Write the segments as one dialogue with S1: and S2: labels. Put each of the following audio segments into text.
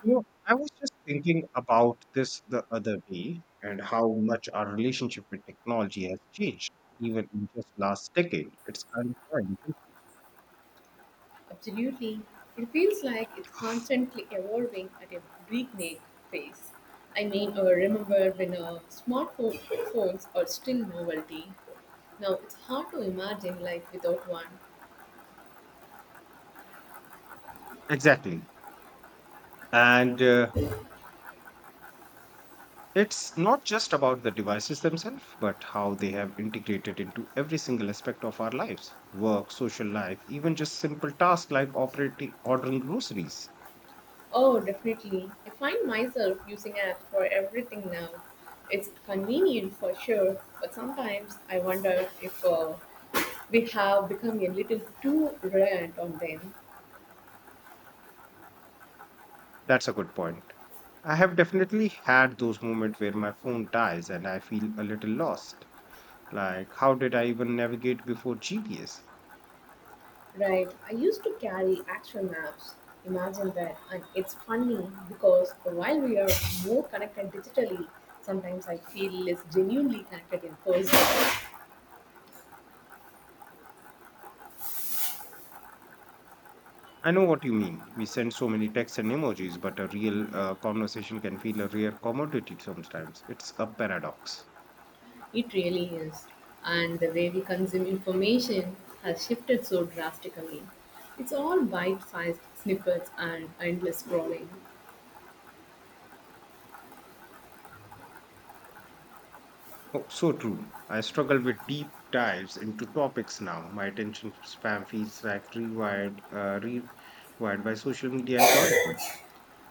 S1: You know, I was just thinking about this the other day and how much our relationship with technology has changed, even in just last decade. It's kind of fun.
S2: Absolutely. It feels like it's constantly evolving at a breakneck pace. I mean, remember when smartphone phones are still novelty. Now it's hard to imagine life without one.
S1: Exactly. And it's not just about the devices themselves, but how they have integrated into every single aspect of our lives, work, social life, even just simple tasks like operating ordering groceries.
S2: Oh, definitely. I find myself using apps for everything now. It's convenient for sure, but sometimes I wonder if we have become a little too reliant on them.
S1: That's a good point. I have definitely had those moments where my phone dies and I feel a little lost. Like, how did I even navigate before GPS?
S2: Right. I used to carry actual maps. Imagine that. And it's funny because while we are more connected digitally, sometimes I feel less genuinely connected in person.
S1: I know what you mean. We send so many texts and emojis, but a real conversation can feel a rare commodity sometimes. It's a paradox.
S2: It really is. And the way we consume information has shifted so drastically. It's all bite sized snippets and endless scrolling.
S1: Oh, so true. I struggle with deep dives into topics now. My attention spam feels like rewired by social media algorithms.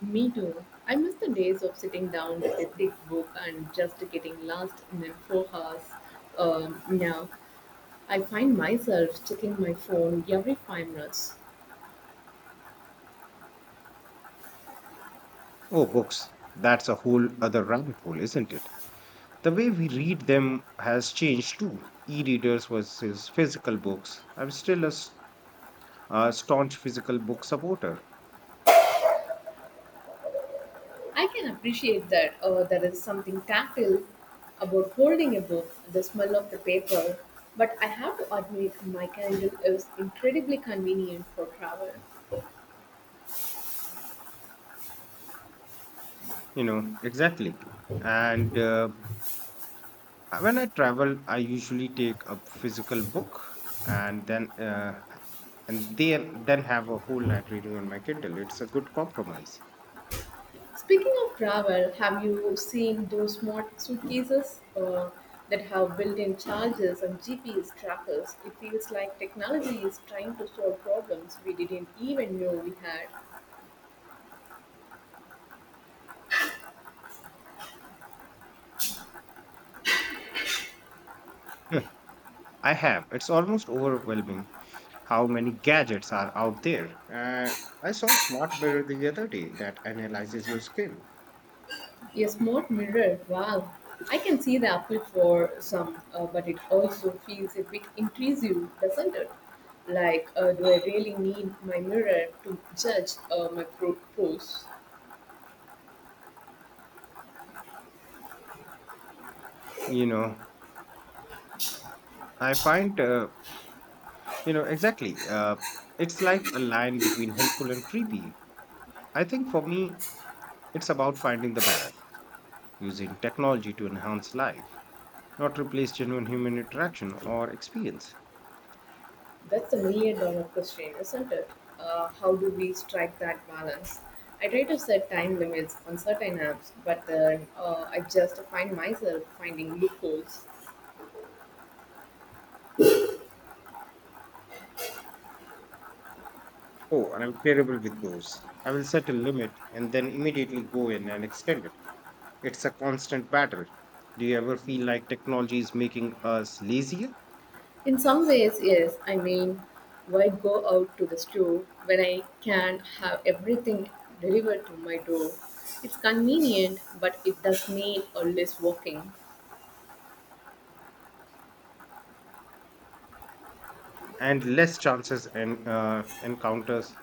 S2: Me too. I miss the days of sitting down with a thick book and just getting lost in a four hours. Now I find myself checking my phone every 5 minutes.
S1: Oh, books. That's a whole other rabbit hole, isn't it? The way we read them has changed too. E-readers versus physical books. I'm still a, s- A staunch physical book supporter.
S2: I can appreciate that there is something tactile about holding a book, the smell of the paper, but I have to admit my Kindle is incredibly convenient for travel.
S1: You know, exactly. And When I travel, I usually take a physical book and then uh, and then have a whole library on my Kindle. It's a good compromise.
S2: Speaking of travel, have you seen those smart suitcases that have built in chargers and GPS trackers? It feels like technology is trying to solve problems we didn't even know we had.
S1: Hmm, I have. It's almost overwhelming how many gadgets are out there. I saw a smart mirror the other day that analyzes your skin.
S2: A smart mirror, wow. I can see the appeal for some, but it also feels a bit intrusive, doesn't it? Like, do I really need my mirror to judge my pros?
S1: You know, I find, you know, exactly. It's like a line between helpful and creepy. I think for me, it's about finding the balance, using technology to enhance life, not replace genuine human interaction or experience.
S2: That's the million dollar question, isn't it? How do we strike that balance? I try to set time limits on certain apps, but then I just find myself finding loopholes.
S1: Oh, and I'm terrible with those. I will set a limit and then immediately go in and extend it. It's a constant battle. Do you ever feel like technology is making us lazier
S2: In some ways, yes. I mean, why go out to the store when I can have everything delivered to my door? It's convenient, but it does mean always walking.
S1: and less chances and encounters,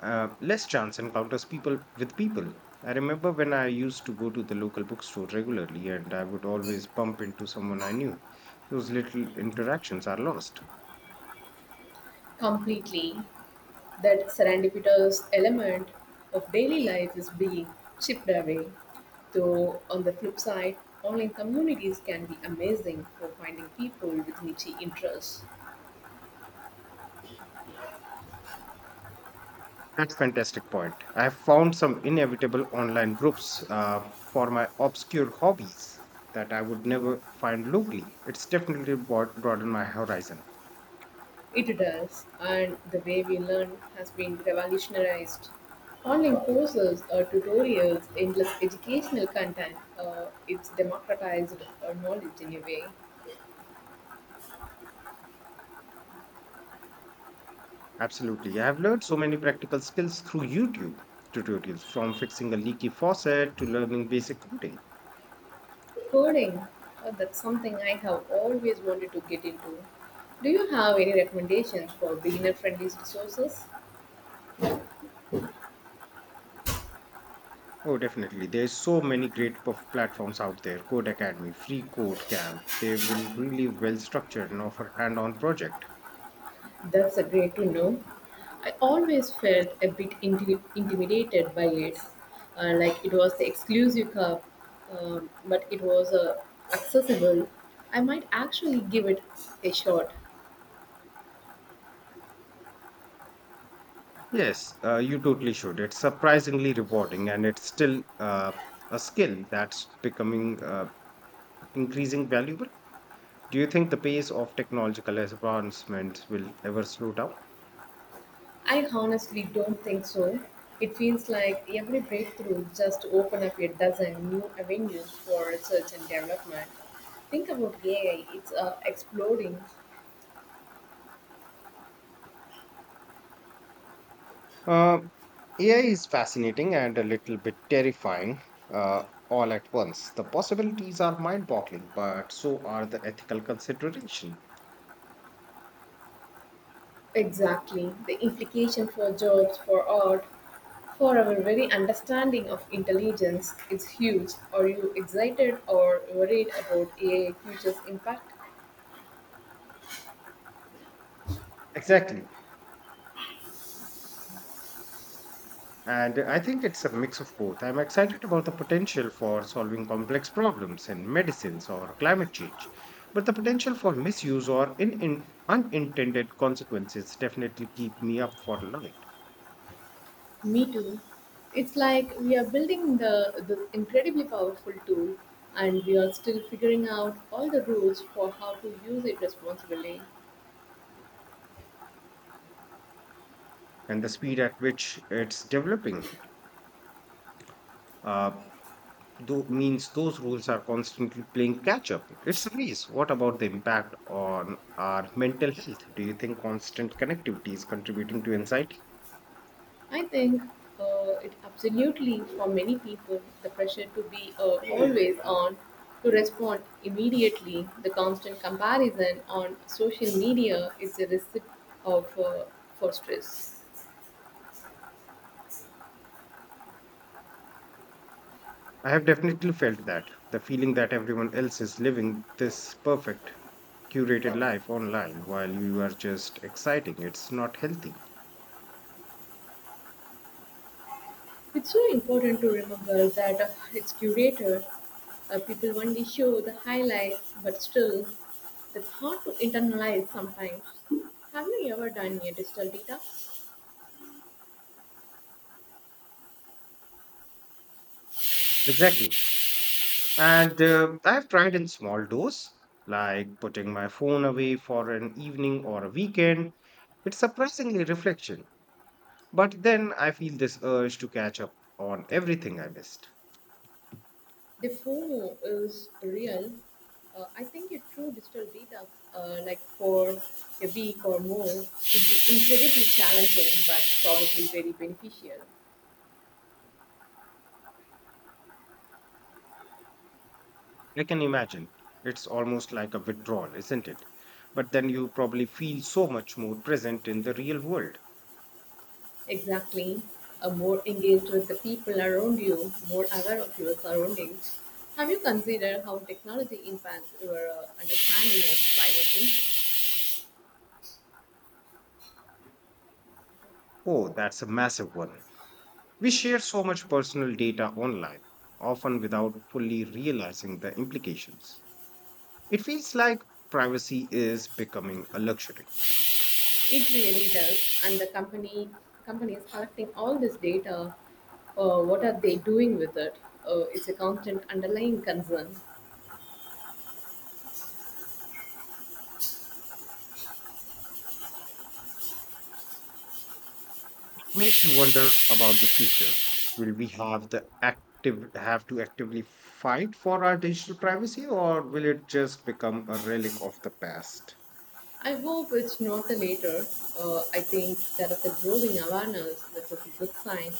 S1: less chance encounters people with people? I remember when I used to go to the local bookstore regularly and I would always bump into someone I knew. Those little interactions are lost.
S2: Completely. That serendipitous element of daily life is being chipped away. Though, on the flip side, online communities can be amazing for finding people with niche interests.
S1: That's fantastic point. I have found some inevitable online groups for my obscure hobbies that I would never find locally. It's definitely broadened my horizon.
S2: It does, and the way we learn has been revolutionized. Online courses, tutorials, endless educational content, it's democratized knowledge in a way.
S1: Absolutely. I have learned so many practical skills through YouTube tutorials, from fixing a leaky faucet to learning basic coding.
S2: Coding, that's something I have always wanted to get into. Do you have any recommendations for beginner friendly resources?
S1: Oh, definitely. There's so many great platforms out there. Code Academy, Free Code Camp. They will really well structured and offer hand-on project.
S2: That's a great to know. I always felt a bit intimidated by it, like it was the exclusive cup, but it was accessible. I might actually give it a shot.
S1: Yes, you totally should. It's surprisingly rewarding, and it's still a skill that's becoming increasing valuable. Do you think the pace of technological advancements will ever slow down?
S2: I honestly don't think so. It feels like every breakthrough just open up a dozen new avenues for research and development. Think about AI, it's exploding.
S1: Uh, AI is fascinating and a little bit terrifying all at once. The possibilities are mind boggling, but so are the ethical consideration.
S2: Exactly. The implication for jobs, for art, for our very understanding of intelligence, it's huge. Are you excited or worried about AI future's impact?
S1: Exactly. And I think it's a mix of both. I'm excited about the potential for solving complex problems in medicines or climate change, but the potential for misuse or unintended consequences definitely keep me up for light.
S2: Me too. It's like we are building the this incredibly powerful tool, and we are still figuring out all the rules for how to use it responsibly.
S1: And the speed at which it's developing uh, though, means those rules are constantly playing catch up. It's a race. What about the impact on our mental health? Do you think constant connectivity is contributing to anxiety?
S2: I think it absolutely for many people the pressure to be always on, to respond immediately, the constant comparison on social media is a recipe of for stress.
S1: I have definitely felt that the feeling that everyone else is living this perfect, curated life online while you are just exciting. It's not healthy.
S2: It's so important to remember that its curator, people only show the highlights, but still, it's hard to internalize sometimes. Have you ever done a digital detox?
S1: Exactly. And I have tried in small dose, like putting my phone away for an evening or a weekend. It's surprisingly reflection. But then I feel this urge to catch up on everything I missed.
S2: Defomo is real. I think a true digital detox, like for a week or more, would be incredibly challenging but probably very beneficial.
S1: I can imagine. It's almost like a withdrawal, isn't it? But then you probably feel so much more present in the real world.
S2: Exactly. More engaged with the people around you, more aware of your surroundings. Have you considered how technology impacts your understanding of privacy?
S1: Oh, that's a massive one. We share so much personal data online, often without fully realizing the implications. It feels like privacy is becoming a luxury.
S2: It really does, and the company is collecting all this data. What are they doing with it? It's a constant underlying concern.
S1: It makes you wonder about the future. Will we have the active have to actively fight for our digital privacy or will it just become a relic of the past?
S2: I hope it's not the latter. I think there is a growing awareness, which is a good sign.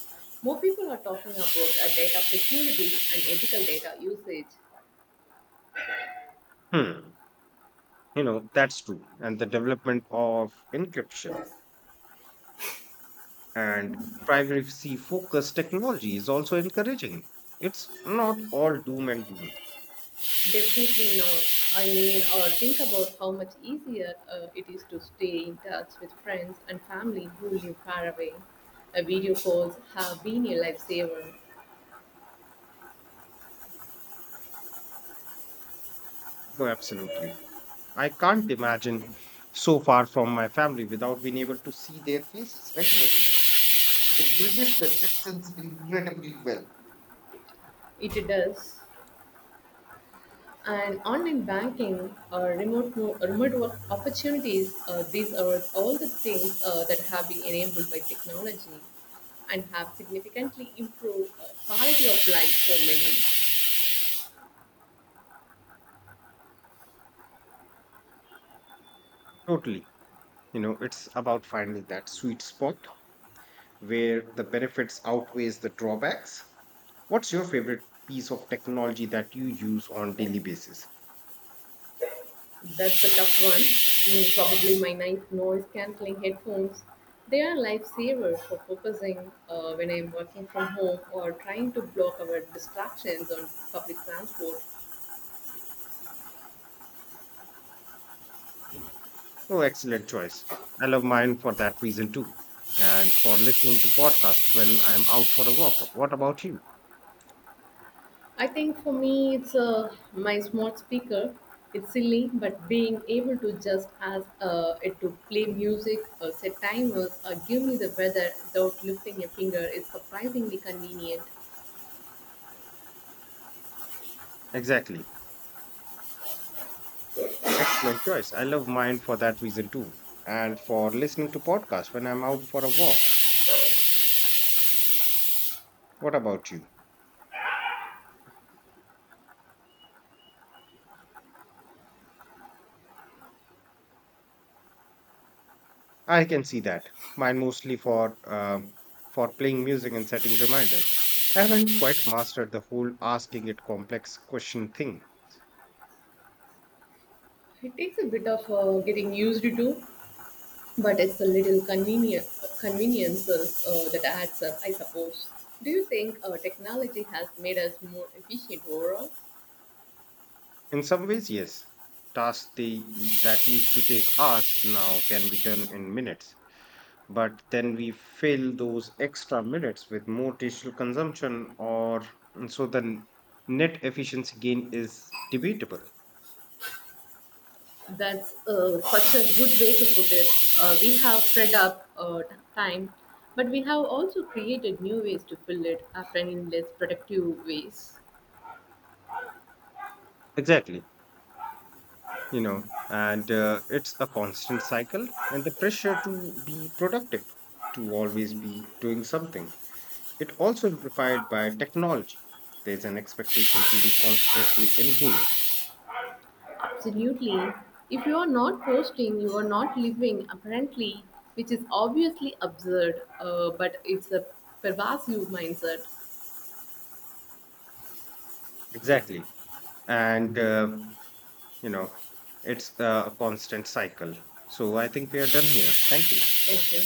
S2: More people are talking about data security and ethical data usage.
S1: Hmm. You know, that's true. And the development of encryption and privacy focused technology is also encouraging. It's not all doom and gloom.
S2: Definitely not. I mean, think about how much easier it is to stay in touch with friends and family who live far away. Video calls have been a lifesaver.
S1: No, absolutely. I can't imagine so far from my family without being able to see their faces regularly. It bridges the distance incredibly well.
S2: It does. And online banking, remote remote work opportunities, these are all the things that have been enabled by technology and have significantly improved quality of life for many.
S1: Totally. You know, it's about finding that sweet spot where the benefits outweighs the drawbacks. What's your favorite piece of technology that you use on daily basis?
S2: That's a tough one. Mm, probably my nice noise cancelling headphones. They are lifesavers for focusing when I'm working from home or trying to block our distractions on public transport.
S1: Oh, excellent choice. I love mine for that reason too, and for listening to podcast when I'm out for a walk. What about you?
S2: I think for me, it's my smart speaker. It's silly, but being able to just ask it to play music or set timers or give me the weather without lifting a finger is surprisingly convenient.
S1: Exactly. Excellent choice. I love mine for that reason too, and for listening to podcast when I'm out for a walk. What about you? I can see that. Mine mostly for playing music and setting reminders. I haven't quite mastered the whole asking it complex question thing.
S2: It takes a bit of getting used to, but it's a little convenient conveniences that adds up, I suppose. Do you think technology has made us more efficient overall?
S1: In some ways, yes. That used to take hours now can be done in minutes. But then we fill those extra minutes with more digital consumption, or so the net efficiency gain is debatable.
S2: That's such a good way to put it. We have freed up time, but we have also created new ways to fill it, often in less productive ways.
S1: Exactly. You know, and it's a constant cycle, and the pressure to be productive, to always be doing something. It also amplified by technology. There's an expectation to be constantly engaged.
S2: Absolutely. If you are not posting, you are not living, apparently, which is obviously absurd, but it's a pervasive mindset.
S1: Exactly. And, you know, it's a constant cycle. So I think we are done here. Thank you.
S2: Thank you.